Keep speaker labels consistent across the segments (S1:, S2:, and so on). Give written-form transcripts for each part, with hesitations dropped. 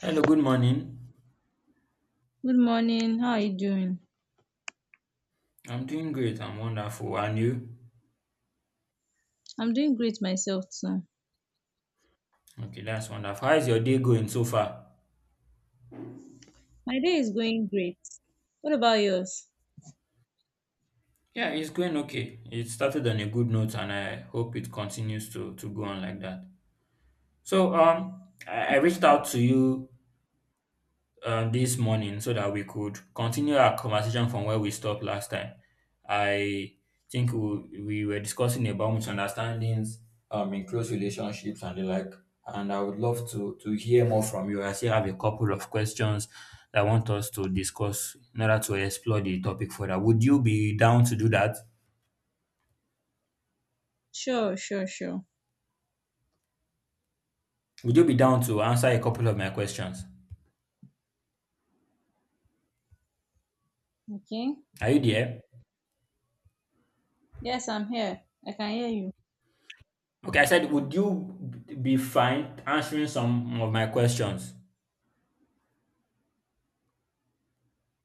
S1: Hello, good morning.
S2: Good morning. How are you doing?
S1: I'm doing great. I'm wonderful. And you?
S2: I'm doing great myself too.
S1: Okay, that's wonderful. How is your day going so far?
S2: My day is going great. What about yours?
S1: Yeah, it's going okay. It started on a good note, and I hope it continues to go on like that. So, I reached out to you this morning so that we could continue our conversation from where we stopped last time. I think we were discussing about misunderstandings in close relationships and the like. And I would love to hear more from you. I still have a couple of questions that I want us to discuss in order to explore the topic further. Would you be down to do that?
S2: Sure.
S1: Would you be down to answer a couple of my questions?
S2: Okay.
S1: Are you there?
S2: Yes, I'm here. I can hear you.
S1: Okay, I said, would you be fine answering some of my questions?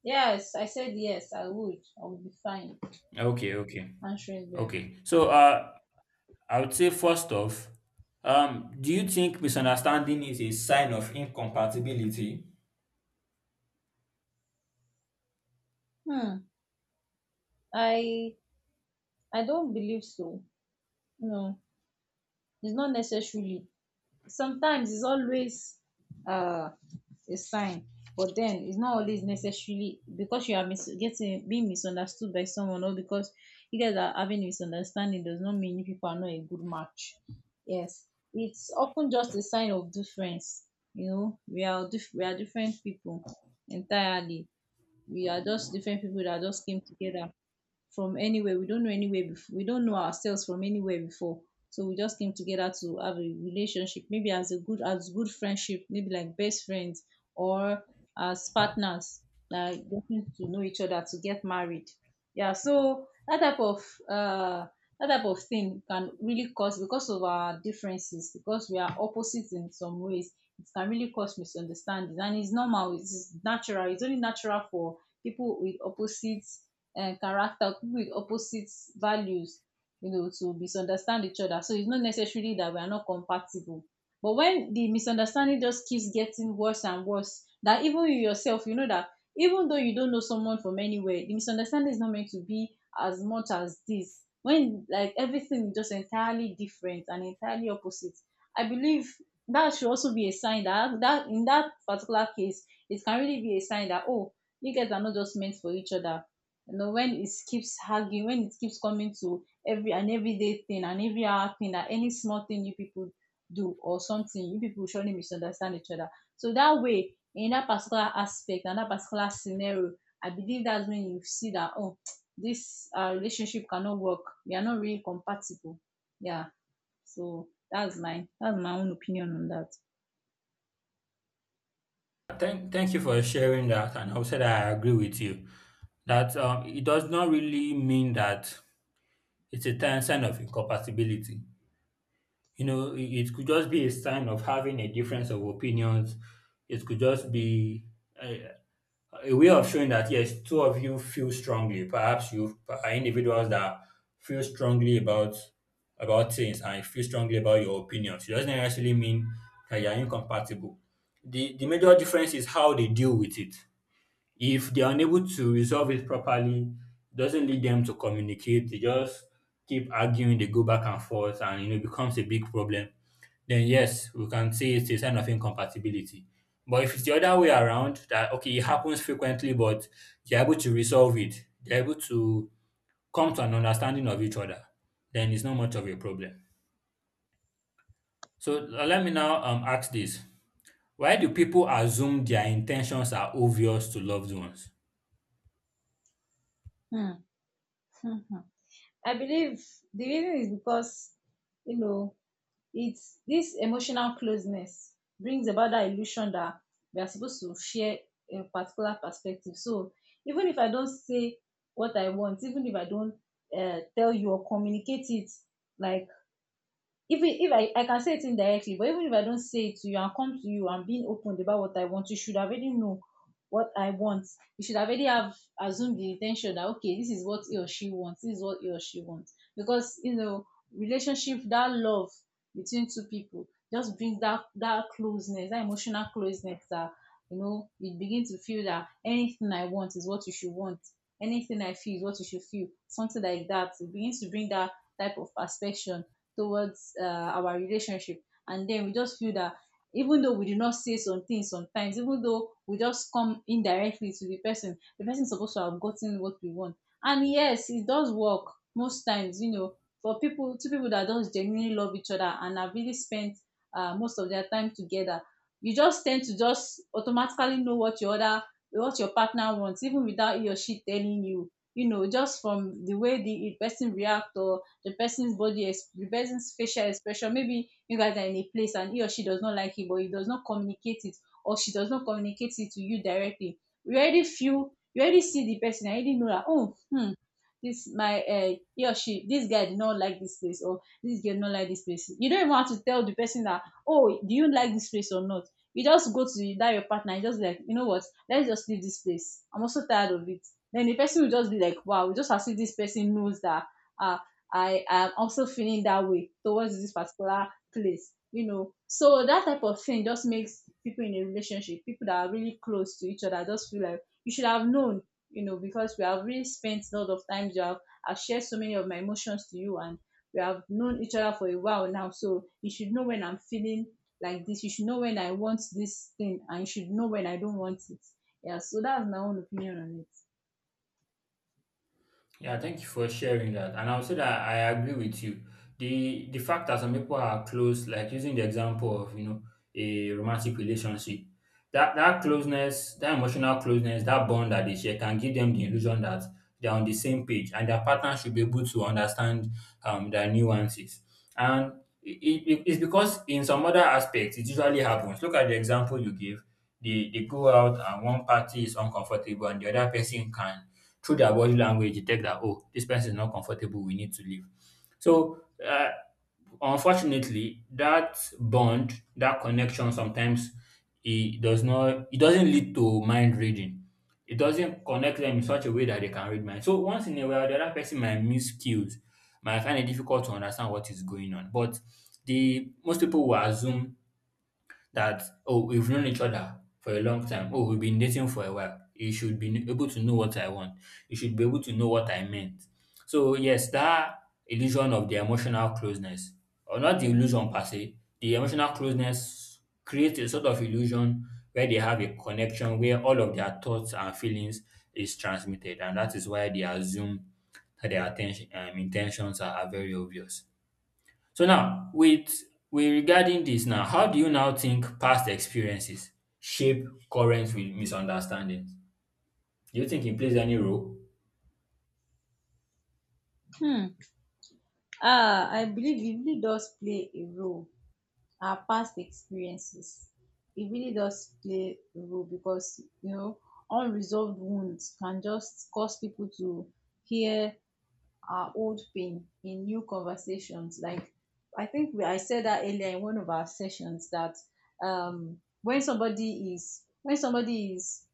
S2: Yes, I said yes, I would. I would be fine
S1: Okay, okay.
S2: answering them.
S1: Okay. So I would say first off, do you think misunderstanding is a sign of incompatibility?
S2: Hmm. I I don't believe so. No, it's not necessarily. Sometimes it's always uh, a sign, but then it's not always necessarily. Because you are getting being misunderstood by someone, or because you guys are having misunderstanding, does not mean you people are not a good match. Yes, it's often just a sign of difference. You know, we are we are different people entirely. We are just different people that just came together from anywhere. We don't know anywhere before. We don't know ourselves from anywhere before. So we just came together to have a relationship, maybe as a good friendship, maybe like best friends, or as partners, like getting to know each other to get married. Yeah, so uh that type of thing can really cause, because of our differences, because we are opposites in some ways, it can really cause misunderstandings. And it's normal, it's natural, it's only natural for people with opposites character, people with opposite values, you know, to misunderstand each other. So it's not necessarily that we are not compatible. But when the misunderstanding just keeps getting worse and worse, that even you yourself, you know that even though you don't know someone from anywhere, the misunderstanding is not meant to be as much as this. When like everything is just entirely different and entirely opposite, I believe that should also be a sign that, that in that particular case, it can really be a sign that, oh, you guys are not just meant for each other. You know, when it keeps hugging, when it keeps coming to every and everyday thing and every hour thing, that any small thing you people do or something, you people surely misunderstand each other. So that way, in that particular aspect and that particular scenario, I believe that's when you see that, oh, this relationship cannot work. We are not really compatible. Yeah. So that's my own opinion on that.
S1: Thank you for sharing that, and I would say that I agree with you. That it does not really mean that it's a sign of incompatibility. You know, it could just be a sign of having a difference of opinions. It could just be uh, a way of showing that yes, two of you feel strongly. Perhaps you are individuals that feel strongly about things and feel strongly about your opinions. It doesn't necessarily mean that you are incompatible. The major difference is how they deal with it. If they are unable to resolve it properly, it doesn't lead them to communicate. They just keep arguing. They go back and forth, and you know, it becomes a big problem, then yes, we can say it's a sign of incompatibility. But if it's the other way around, that okay, it happens frequently, but you're able to resolve it, you're able to come to an understanding of each other, then it's not much of a problem. So let me now ask this: why do people assume their intentions are obvious to loved ones?
S2: Hmm. I believe the reason is because, you know, it's this emotional closeness brings about that illusion that we are supposed to share a particular perspective. So even if I don't say what I want, even if I don't tell you or communicate it, like if it, if I, I can say it indirectly, but even if I don't say it to you and come to you and being open about what I want, you should already know what I want. You should already have assumed the intention that, okay, this is what he or she wants, this is what he or she wants. Because, you know, relationship, that love between two people just brings that closeness, that emotional closeness that, you know, you begin to feel that anything I want is what you should want. Anything I feel is what you should feel. Something like that. It begins to bring that type of perspective towards our relationship, and then we just feel that even though we do not say some things sometimes, even though we just come indirectly to the person, the person is supposed to have gotten what we want. And yes, it does work most times, you know, for people, two people that just genuinely love each other and have really spent most of their time together. You just tend to just automatically know what your other what your partner wants, even without he or she telling you, you know, just from the way the person react, or the person's body, the person's facial expression. Maybe you guys are in a place and he or she does not like it, but he does not communicate it, or she does not communicate it to you directly. You already feel, you already see the person, I already know that, oh, hmm, this my he or she, this guy did not like this place, or this girl did not like this place. You don't even want to tell the person that, oh, do you like this place or not. You just go to that your partner and just like, you know what, let's just leave this place, I'm also tired of it. Then the person will just be like, wow, just as if this person knows that uh I am also feeling that way towards this particular place, you know. So that type of thing just makes people in a relationship, people that are really close to each other, just feel like you should have known, you know, because we have really spent a lot of times. You have, I've shared so many of my emotions to you, and we have known each other for a while now. So you should know when I'm feeling like this. You should know when I want this thing, and you should know when I don't want it. Yeah. So that's my own opinion on it.
S1: Yeah, thank you for sharing that. And I would say that I agree with you. The fact that some people are close, like using the example of, you know, a romantic relationship, that that closeness, that emotional closeness, that bond that they share can give them the illusion that they're on the same page and their partner should be able to understand their nuances. And it, it's because in some other aspects it usually happens. Look at the example you give. They go out and one party is uncomfortable, and the other person can, through their body language, detect that oh, this person is not comfortable, we need to leave. So uh, unfortunately, that bond, that connection sometimes, it doesn't lead to mind reading. It doesn't connect them in such a way that they can read mind, so once in a while the other person might miss cues, might find it difficult to understand what is going on. But the most people will assume that oh, we've known each other for a long time, oh, we've been dating for a while, you should be able to know what I want, you should be able to know what I meant. So yes, that illusion of the emotional closeness, or not the illusion per se, the emotional closeness creates a sort of illusion where they have a connection, where all of their thoughts and feelings is transmitted, and that is why they assume that their attention intentions are very obvious. So now with regarding this now, how do you now think past experiences shape current misunderstandings? Do you think it plays any role?
S2: Hmm. Ah, I believe it really does play a role, our past experiences. It really does play a role, because, you know, unresolved wounds can just cause people to hear our old pain in new conversations. Like, I think I said that earlier in one of our sessions that when somebody is when somebody is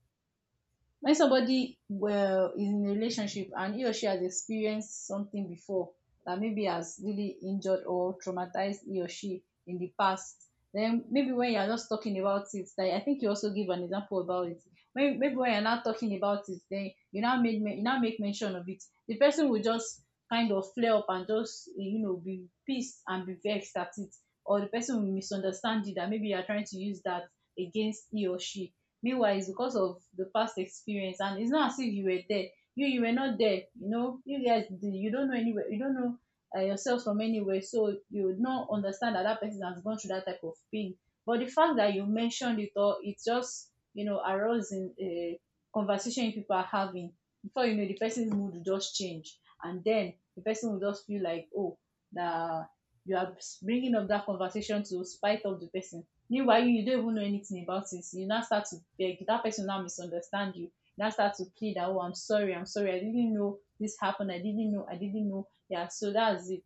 S2: when somebody, well, is in a relationship and he or she has experienced something before that maybe has really injured or traumatized he or she in the past, then maybe when you are just talking about it, like, I think you also give an example about it, when maybe when you're not talking about it, then you now you now make mention of it, the person will just kind of flare up and just, you know, be pissed and be vexed at it, or the person will misunderstand you that maybe you are trying to use that against he or she. Meanwhile, it's because of the past experience, and it's not as if you were there. You you were not there, you know. You guys, you don't know anywhere, you don't know yourself from anywhere, so you would not understand that that person has gone through that type of pain. But the fact that you mentioned it all, it just, you know, arose in a conversation people are having, before you know, the person's mood will just change, and then the person will just feel like, oh, that you are bringing up that conversation to spite of the person. Meanwhile, you don't even know anything about it. So you now start to beg. That person now misunderstand you. Now start to plead that, oh, I'm sorry, I'm sorry. I didn't know this happened. I didn't know. I didn't know. Yeah, so that's it.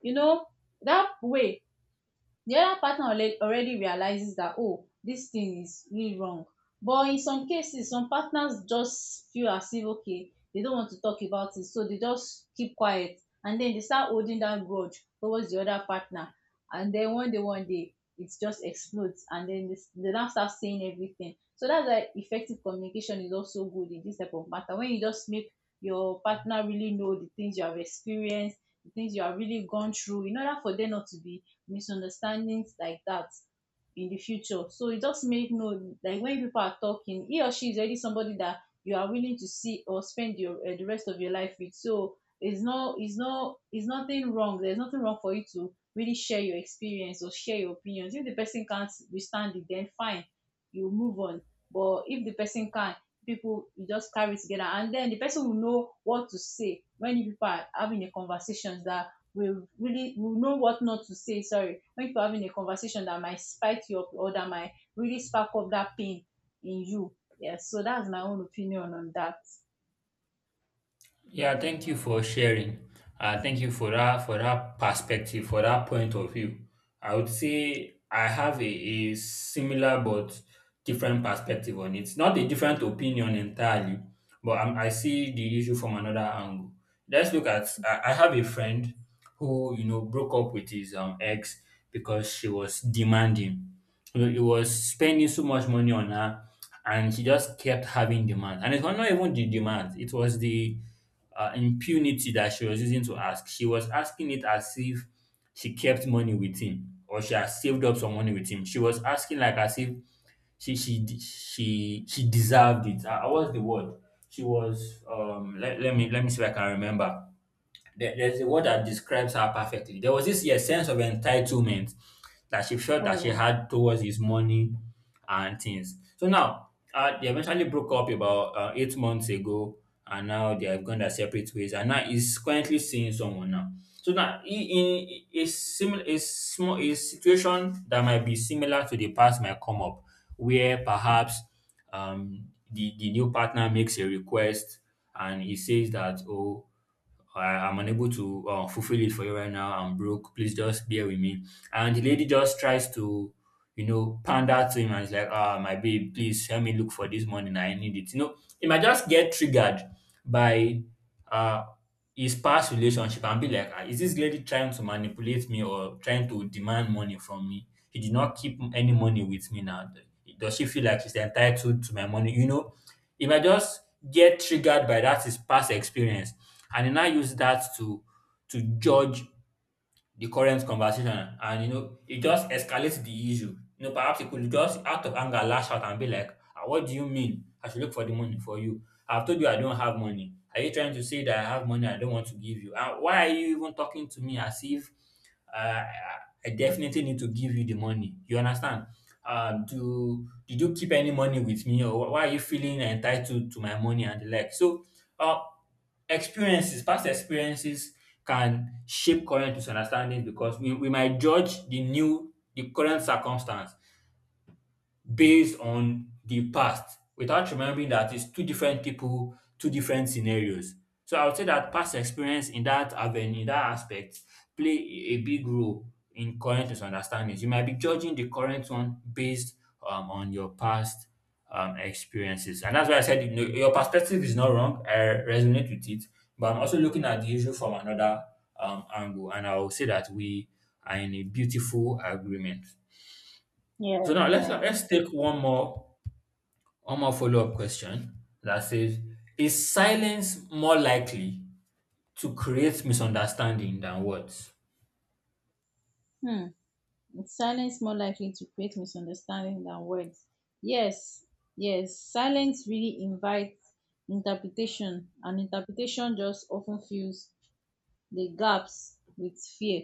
S2: You know, that way, the other partner already realizes that, oh, this thing is really wrong. But in some cases, some partners just feel as if, okay, they don't want to talk about it, so they just keep quiet, and then they start holding that grudge towards the other partner, and then one day, one day, it just explodes, and then they now start saying everything. So that's why effective communication is also good in this type of matter, when you just make your partner really know the things you have experienced, the things you have really gone through, in order for them not to be misunderstandings like that in the future. So it just make no, like when people are talking, he or she is already somebody that you are willing to see or spend your the rest of your life with. So it's it's nothing wrong. There's nothing wrong for you to really share your experience or share your opinions. If the person can't withstand it, then fine, you move on. But if the person can, people you just carry together, and then the person will know what to say when you people are having a conversations that will know what not to say. Sorry, when people are having a conversation that might spite you up or that might really spark up that pain in you. Yes, so that's my own opinion on that.
S1: Yeah, thank you for sharing. Thank you for that, for that perspective, for that point of view. I would say I have a similar but different perspective on it. Not a different opinion entirely, but I see the issue from another angle. Let's look at I have a friend who, broke up with his ex because she was demanding. He was spending so much money on her, and she just kept having demands. And it was not even the demands; it was the impunity that she was using to ask. She was asking it as if she kept money with him or she has saved up some money with him. She was asking like as if she she de- she deserved it. What's the word? She was. Let me see if I can remember. There's a word that describes her perfectly. There was this, yeah, sense of entitlement that she felt that she
S2: Oh,
S1: had towards his money and things. So now, they eventually broke up about 8 months ago, and now they have gone their separate ways. And now he's currently seeing someone now. So now, he- in a situation that might be similar to the past might come up, where perhaps um, the new partner makes a request, and he says that oh, I'm unable to fulfill it for you right now. I'm broke. Please just bear with me. And the lady just tries to, you know, pander to him and is like, ah, my babe, please help me look for this money. Nah, I need it. You know, he might just get triggered by uh, his past relationship and be like, ah, is this lady trying to manipulate me or trying to demand money from me? He did not keep any money with me now. Does she feel like she's entitled to my money? You know, he might just get triggered by that, his past experience, and he now use that to judge the current conversation, and you know, it just escalates the issue. You know, perhaps he could just, out of anger, lash out and be like, ah, what do you mean? I should look for the money for you. I've told you I don't have money. Are you trying to say that I have money I don't want to give you? And why are you even talking to me as if uh, I definitely need to give you the money? You understand? Do did you keep any money with me, or why are you feeling entitled to my money and the like? So, uh, experiences, past experiences, can shape current misunderstandings because we might judge the current circumstance based on the past without remembering that it's two different people, two different scenarios. So I would say that past experience in that avenue, in that aspect, play a big role in current misunderstandings. You might be judging the current one based on your past experiences. And that's why I said, you know, your perspective is not wrong. I resonate with it. But I'm also looking at the issue from another angle. And I will say that we are in a beautiful agreement. So
S2: yeah,
S1: now, let's
S2: yeah.
S1: let's take one more on my follow-up question that says, is silence more likely to create misunderstanding than words?
S2: Hmm. Silence more likely to create misunderstanding than words. Yes, yes. Silence really invites interpretation, and interpretation just often fills the gaps with fear.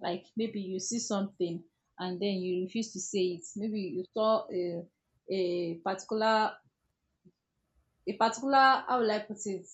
S2: Like maybe you see something and then you refuse to say it. Maybe you saw a particular, a particular, how will I put it,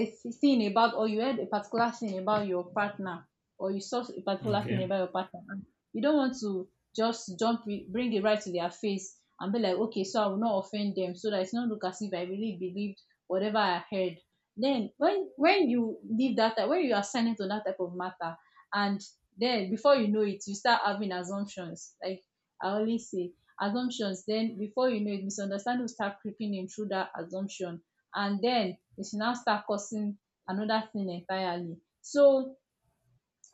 S2: a thing about, or you heard a particular thing about your partner, or you saw a particular thing
S1: Okay.
S2: about your partner, and you don't want to just jump it, bring it right to their face and be like, okay, so I will not offend them so that it's not look as if I really believed whatever I heard. Then when you leave that type, when you are silent on that type of matter, and then before you know it you start having assumptions. Like I always say, assumptions, then before you know it misunderstanding will start creeping in through that assumption, and den e now start causing anoda tin entirely. So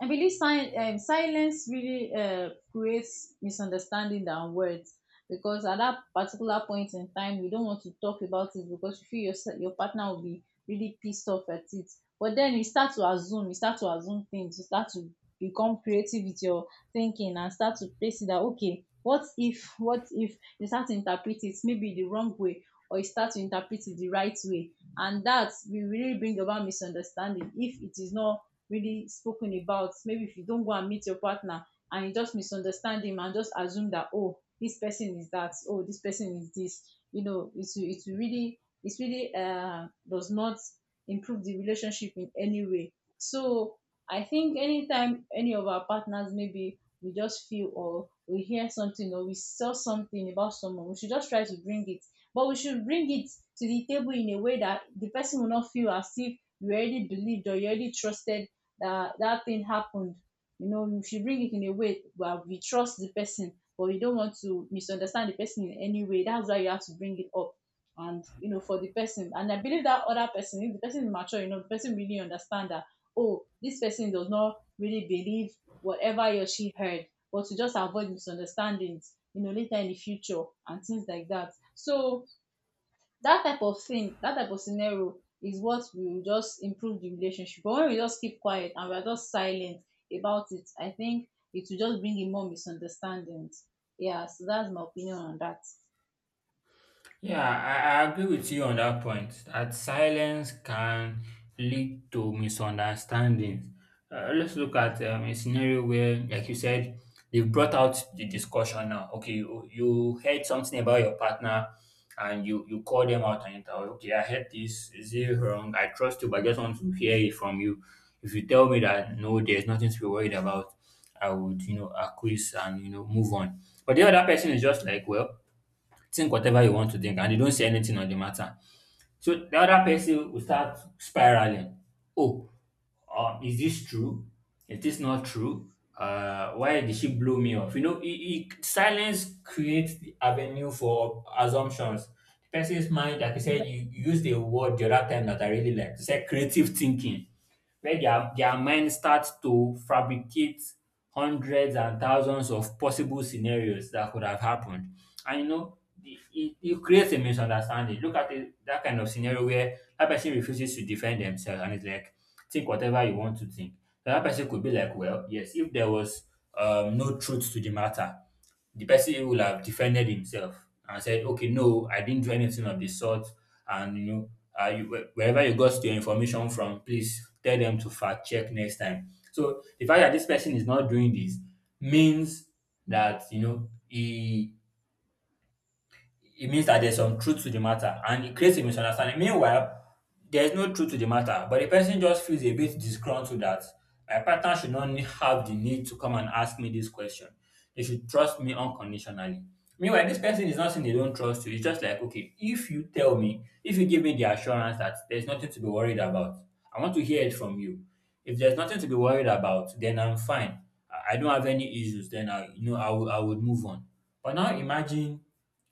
S2: I believe silence really creates misunderstanding than words, because at that particular point in time, you don't want to talk about it because you feel your partner will be really pissed off at it. But then you start to assume, you start to assume things, you start to become creative with your thinking, and start to place it that, okay, what if you start to interpret it maybe the wrong way, or you start to interpret it the right way? And that will really bring about misunderstanding if it is not really spoken about. Maybe if you don't go and meet your partner and you just misunderstand him and just assume that, oh, this person is that, oh, this person is this, you know, it's really it's really does not improve the relationship in any way. So I think anytime any of our partners, maybe we just feel or we hear something or we saw something about someone, we should just try to bring it. But we should bring it to the table in a way that the person will not feel as if you already believed or you already trusted that that thing happened. You know, you should bring it in a way where we trust the person, but we don't want to misunderstand the person in any way. That's why you have to bring it up. And you know, for the person, and I believe that other person, if the person is mature, you know, the person really understand that. Oh, this person does not really believe whatever he or she heard, but to just avoid misunderstandings, you know, later in the future and things like that. So that type of thing, that type of scenario is what will just improve the relationship. But when we just keep quiet and we are just silent about it, I think it will just bring in more misunderstandings. Yeah, so that's my opinion on that.
S1: Yeah, I agree with you on that point that silence can lead to misunderstandings. Let's look at a scenario where, like you said, they've brought out the discussion now. Okay, you heard something about your partner, and you call them out on it. Oh, okay, I heard this. Is it wrong? I trust you, but I just want to hear it from you. If you tell me that no, there's nothing to be worried about, I would, you know, acquiesce and, you know, move on. But the other person is just like, well, think whatever you want to think, and they don't say anything on the matter. So the other person will start spiraling. Oh, is this true? Is this not true? Why did she blow me off? You know, silence creates the avenue for assumptions. The person's mind, like you
S2: Is
S1: said,
S2: that-
S1: you used a word the other time that I really liked. You said creative thinking, where their mind starts to fabricate hundreds and thousands of possible scenarios that could have happened, and you know, it creates a misunderstanding. Look at it, that kind of scenario where that person refuses to defend themselves and it's like, think whatever you want to think. So that person could be like, well, yes, if there was no truth to the matter, the person will have defended himself and said, okay, no, I didn't do anything of the sort. And, you know, wherever you got your information from, please tell them to fact check next time. So the fact that this person is not doing this means that, he it means that there's some truth to the matter, and it creates a misunderstanding. Meanwhile, there's no truth to the matter, but the person just feels a bit disgruntled that my partner should not have the need to come and ask me this question. They should trust me unconditionally. Meanwhile, this person is not saying they don't trust you. It's just like, okay, if you tell me, if you give me the assurance that there's nothing to be worried about, I want to hear it from you. If there's nothing to be worried about, then I'm fine. I don't have any issues. Then I I will, I would move on. But now imagine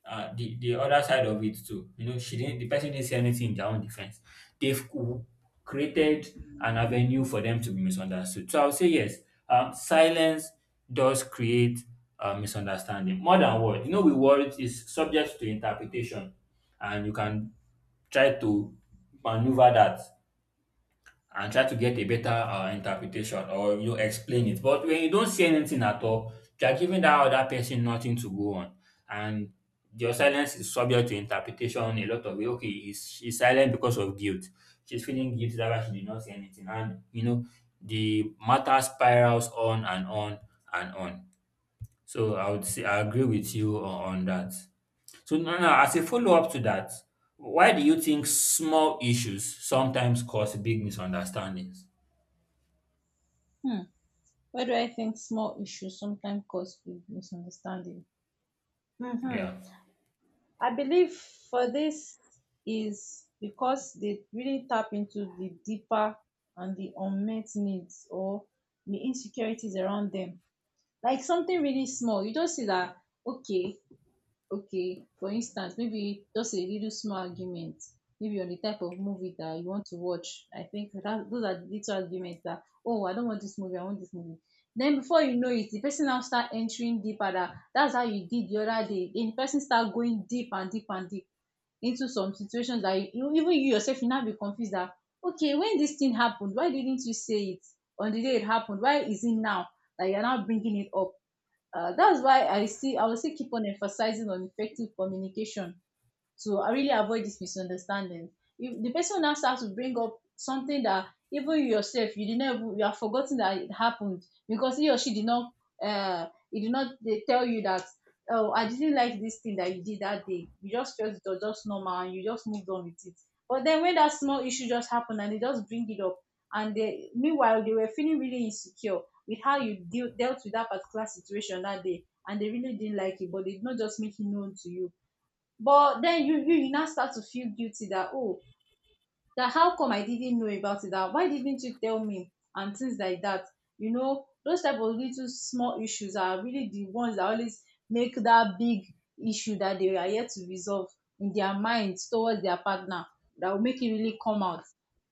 S1: the other side of it too. You know, she didn't. The person didn't say anything in their own defense. They've c- created an avenue for them to be misunderstood. So I would say yes. Silence does create misunderstanding more than words. You know, with words is subject to interpretation, and you can try to maneuver that and try to get a better interpretation or, you know, explain it. But when you don't see anything at all, you are giving that other person nothing to go on, and your silence is subject to interpretation. A lot of it. Okay, is she's silent because of guilt? She's feeling guilty that why she did not say anything, and you know the matter spirals on and on and on. So I would say I agree with you on that. So now, as a follow up to that, why do you think small issues sometimes cause big misunderstandings?
S2: hmm. Why do I think small issues sometimes cause big misunderstanding? Hmm.
S1: Yeah,
S2: I believe for this is because they really tap into the deeper and the unmet needs, or the insecurities around them. Like something really small, you just see that, okay okay, for instance, maybe just a little small argument, maybe on the type of movie that you want to watch. I think that those are the little arguments that, oh, I don't want this movie, I want this movie. Then before you know it, the person now start entering deeper, that that's how you did the other day. Then the person start going deep and deep and deep into some situations that even you yourself, you now be confused that, okay, when this thing happened, why didn't you say it on the day it happened? Why is it now that you're now bringing it up? That's why I see I will still keep on emphasizing on effective communication, so I really avoid this misunderstanding. If the person now starts to bring up something that even you yourself you did not, even you have forgotten that it happened because he or she did not, he did not, they tell you that, oh, I didn't like this thing that you did that day. You just felt it was just normal and you just moved on with it. But then when that small issue just happened and they just bring it up, and they, meanwhile, they were feeling really insecure with how dealt with that particular situation that day, and they really didn't like it but they did not just make it known to you. But then you now start to feel guilty that, oh, that how come I didn't know about it, that why didn't you tell me and things like that. You know, those type of little small issues are really the ones that always make that big issue that they are yet to resolve in their minds towards their partner, that will make it really come out.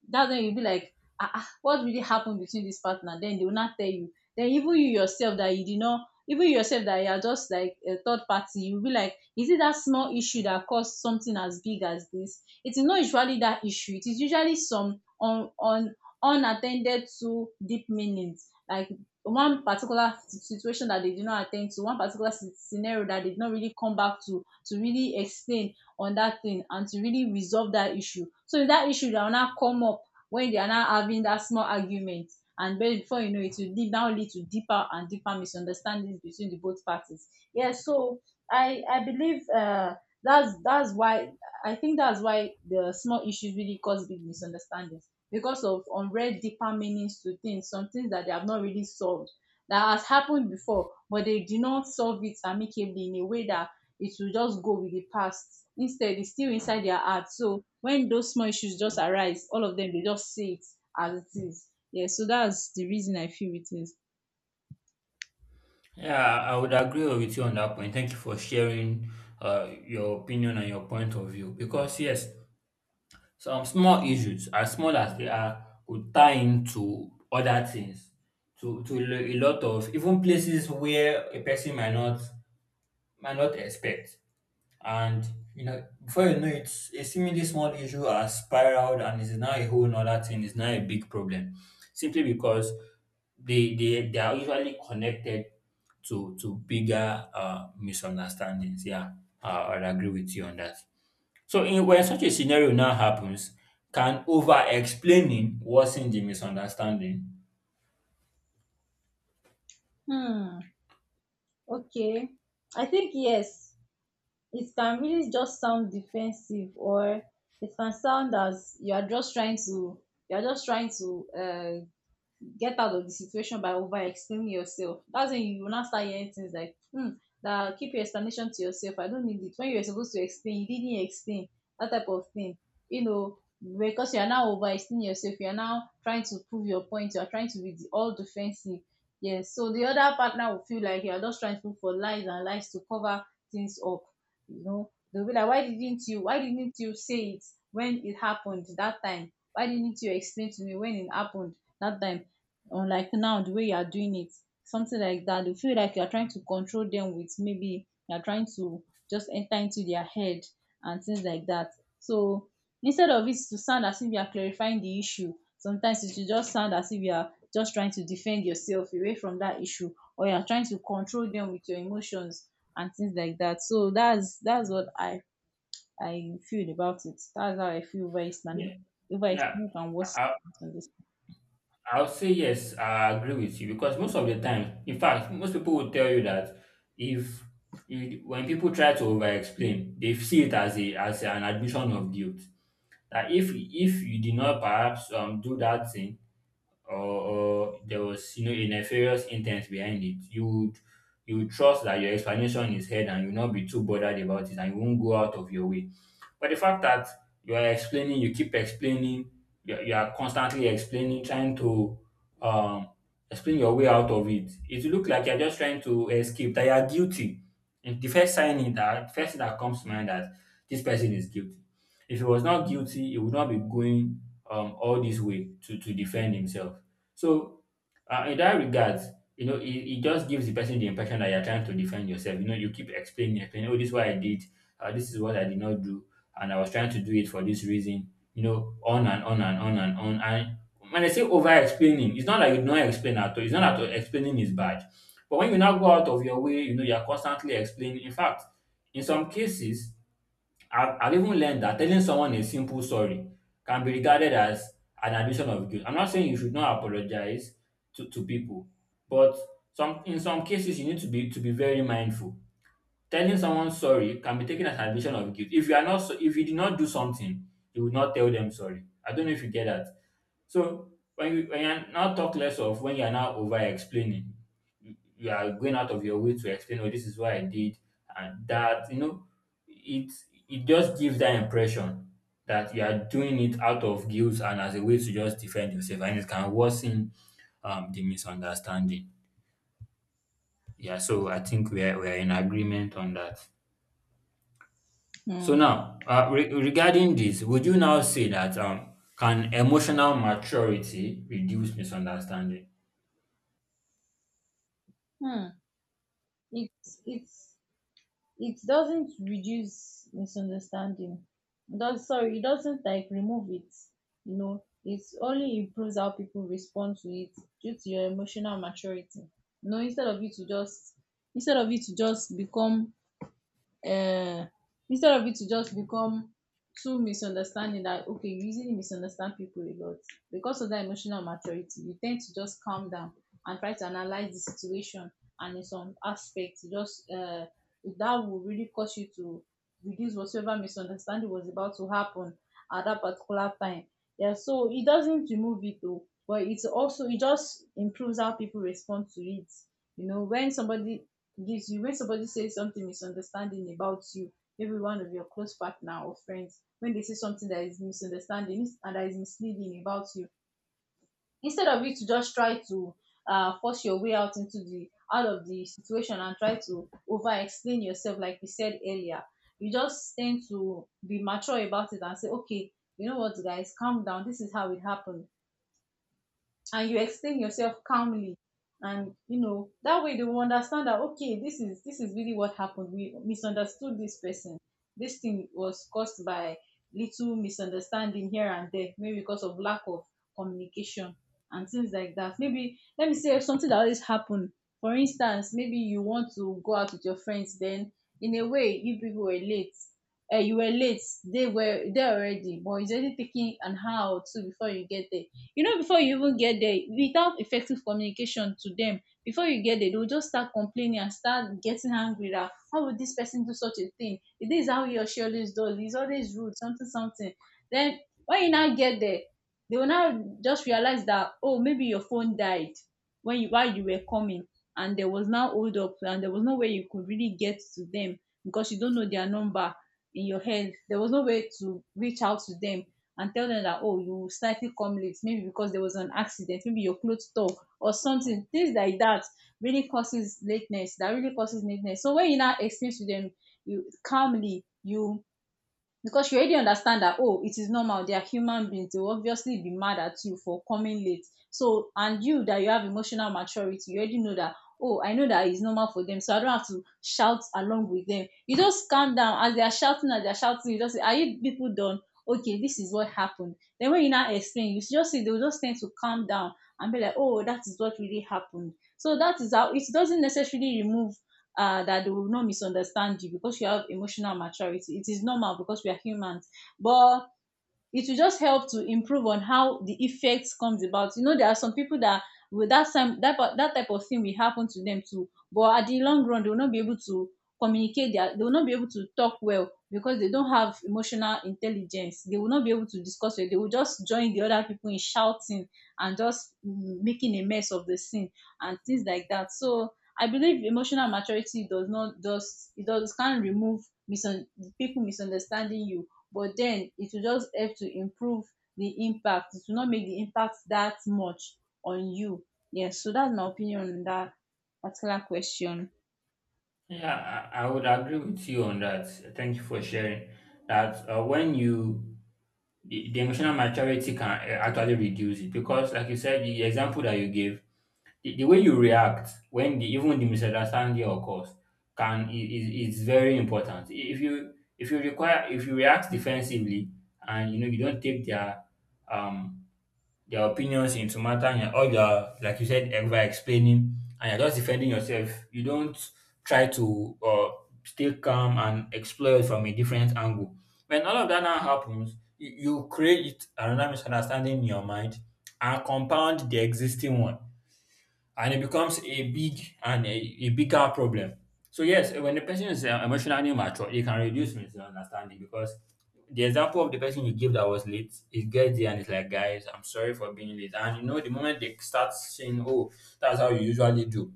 S2: That's when you'll be like, ah, ah, what really happened between this partner? Then they will not tell you. Then even you yourself that you did not, even you yourself that you are just like a third party, you'll be like, is it that small issue that caused something as big as this? It is not usually that issue. It is usually some unattended to deep meanings, like one particular situation that they did not attend to, one particular scenario that they did not really come back to really explain on that thing and to really resolve that issue. So that issue that will now come up when they are now having that small argument. And then before you know it, will deep now lead to deeper and deeper misunderstandings between the both parties. Yeah, so I believe that's why, I think that's why the small issues really cause big misunderstandings, because of unread deeper meanings to things, some things that they have not really solved that has happened before, but they do not solve it amicably in a way that it will just go with the past. Instead, it's still inside their heart. So when those small issues just arise, all of them, they just see it as it is. Yeah, so that's the reason I feel it is.
S1: yeah, I would agree with you on that point. Thank you for sharing your opinion and your point of view. Because yes, some small issues, as small as they are, could tie into other things, to a lot of even places where a person might not expect. And you know, before you know it, a seemingly small issue has spiraled and is now a whole other thing, is now a big problem. Simply because they are usually connected to bigger misunderstandings. Yeah, uh, I'll agree with you on that. So when such a scenario now happens, can over explaining worsen the misunderstanding?
S2: Hmm. Okay. I think yes. It can really just sound defensive, or it can sound as you are just trying to, you are just trying to get out of the situation by over explaining yourself. That's when you will not start hearing things like, hmm, that keep your explanation to yourself. I don't need it. When you're supposed to explain, you didn't explain. That type of thing. You know, because you are now over explaining yourself, you are now trying to prove your point, you are trying to be all defensive. Yes. So the other partner will feel like you are just trying to look for lies and lies to cover things up. You know, they'll be like, why didn't you why didn't you say it when it happened that time? Why didn't you explain to me when it happened that time, unlike now the way you are doing it? Something like that. They feel like you are trying to control them with, maybe you are trying to just enter into their head and things like that. So instead of it to sound as if you are clarifying the issue, sometimes it will just sound as if you are just trying to defend yourself away from that issue, or you are trying to control them with your emotions and things like that. So that's what I feel about it. That's how I feel over islamic,
S1: Yeah,
S2: over
S1: yeah.
S2: islamic, and what's
S1: I
S2: on this.
S1: I will say yes, I agree with you because most of the time, in fact, most people will tell you that if you, when people try to over-explain, they see it as a as an admission of guilt. That if you did not perhaps do that thing, or there was you know a nefarious intent behind it, you would trust that your explanation is heard and you'll not be too bothered about it and you won't go out of your way. But the fact that you are explaining, you keep explaining, you are constantly explaining, trying to um, explain your way out of it, it will look like you're just trying to escape, that you are guilty. And the first sign in that, first thing that comes to mind that this person is guilty. If he was not guilty, he would not be going all this way to defend himself. So, in that regard, you know, it just gives the person the impression that you're trying to defend yourself. You know, you keep explaining, explaining, oh, this is what I did, this is what I did not do, and I was trying to do it for this reason, you know, on and on and on and on. And when I say over explaining, it's not like you don't explain at all. It's not at all explaining is bad. But when you now go out of your way, you know, you're constantly explaining. In fact, in some cases, I've even learned that telling someone a simple sorry can be regarded as an admission of guilt. I'm not saying you should not apologize to people, but some in some cases you need to be very mindful. Telling someone sorry can be taken as an admission of guilt. If you are not so, if you did not do something, you would not tell them sorry. I don't know if you get that. So when you when you're now talk less of when you're now over explaining you are going out of your way to explain, oh, this is what I did, and that, you know, it it just gives that impression that you are doing it out of guilt and as a way to just defend yourself, and it can worsen the misunderstanding. Yeah, so I think we are in agreement on that. So
S2: Hmm.
S1: now, regarding this, would you now say that can emotional maturity reduce misunderstanding?
S2: Hmm. It's it doesn't reduce misunderstanding, it does, sorry, it doesn't like remove it. You know, it only improves how people respond to it. Due to your emotional maturity, you know, instead of you to just, instead of you to just become um instead of it to just become too misunderstanding, that okay, you easily misunderstand people a lot. Because of that emotional maturity, you tend to just calm down and try to analyze the situation, and in some aspects just that will really cause you to reduce whatsoever misunderstanding was about to happen at that particular time. Yeah, so it doesn't remove it though, but it's also, it just improves how people respond to it. You know, when somebody gives you when somebody says something misunderstanding about you, maybe one of your close partner or friends, when they say something that is misunderstanding and that is misleading about you, instead of you to just try to force your way out into the, out of the situation, and try to over explain yourself like we said earlier, you just tend to be mature about it and say, okay, you know what, guys, calm down, this is how it happened. And you explain yourself calmly, and you know, that way they will understand that, okay, this is, this is really what happened, we misunderstood this person, this thing was caused by little misunderstanding here and there, maybe because of lack of communication and things like that. Maybe let me say something that always happen. For instance, maybe you want to go out with your friends, then in a way you people were late. You were late, they were there already, but it's only taking an hour or two before you get there. You know, before you even get there without effective communication to them, before you get there, they will just start complaining and start getting angry that, how would this person do such a thing, this how he or she always does, he's always rude, something something. Then when you now get there, they will now just realize that, oh, maybe your phone died when, you while you were coming, and there was now hold up, and there was no way you could really get to them because you don't know their number in your head, there was no way to reach out to them and tell them that, oh, you slightly come late, maybe because there was an accident, maybe your clothes tore or something, things like that really causes lateness, that really causes lateness. So when you now explain to them, you calmly, you, because you already understand that, oh, it is normal, they are human beings, they will obviously be mad at you for coming late. So and you that you have emotional maturity, you already know that, oh, I know that it's normal for them, so I don't have to shout along with them. You just calm down. As they are shouting as they are shouting, you just say, are you people done? Okay, this is what happened. Then when you now explain, you just see they will just tend to calm down and be like, oh, that is what really happened. So that is how it doesn't necessarily remove, that they will not misunderstand you because you have emotional maturity. It is normal because we are humans. But it will just help to improve on how the effects comes about. You know, there are some people that with that time that, that type of thing will happen to them too, but at the long run they will not be able to communicate their, they will not be able to talk well because they don't have emotional intelligence, they will not be able to discuss well, they will just join the other people in shouting and just making a mess of the scene and things like that. So I believe emotional maturity does not just, it does can remove misun- people misunderstanding you, but then it will just help to improve the impact, it will not make the impact that much on you. Yes, so that's my opinion on that particular question.
S1: Yeah, I would agree with you on that. Thank you for sharing that. When you the emotional maturity can actually reduce it because, like you said, the example that you gave, the way you react when the, even the misunderstanding occurs can is very important. If you require if you react defensively and you know you don't take um their opinions into matter and all your like you said ever explaining and you're just defending yourself you don't try to stay calm and explore it from a different angle when all of that now happens, you create another misunderstanding in your mind and compound the existing one, and it becomes a big and a bigger problem. So yes, when the person is emotionally mature, it can reduce misunderstanding because the example of the person you give that was late, it gets there and it's like, guys, I'm sorry for being late. And you know, the moment they start saying, oh, that's how you usually do,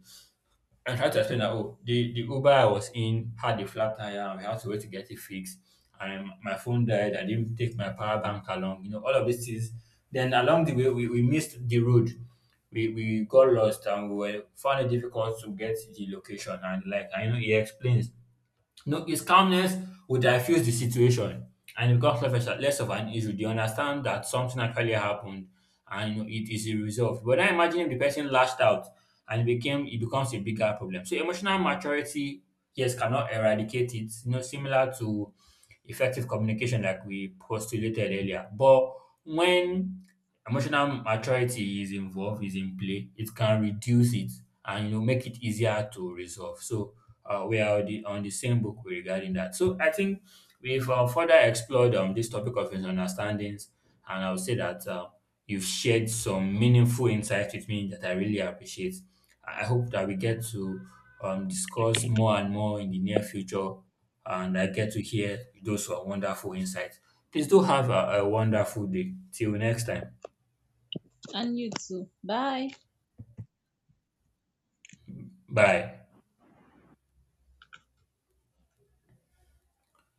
S1: I tried to explain that oh the Uber I was in had a flat tire and we had to wait to get it fixed and my phone died. I didn't take my power bank along, you know, all of these things. Then along the way we missed the road. We got lost and we were found it difficult to get the location and like I know he explains no, his calmness would diffuse the situation and it becomes less of, less of an issue. They understand that something actually happened and you know, it is resolved. But now imagine if the person lashed out and it becomes a bigger problem. So emotional maturity, yes, cannot eradicate it. You know, similar to effective communication, like we postulated earlier. But when emotional maturity is in play, it can reduce it and you know make it easier to resolve. So we are on the same book regarding that. So I think we've further explored this topic of misunderstandings, and I would say that you've shared some meaningful insights with me that I really appreciate. I hope that we get to discuss more and more in the near future and I get to hear those were wonderful insights. Please do have a wonderful day. Till next time.
S2: And you too, bye.
S1: Bye.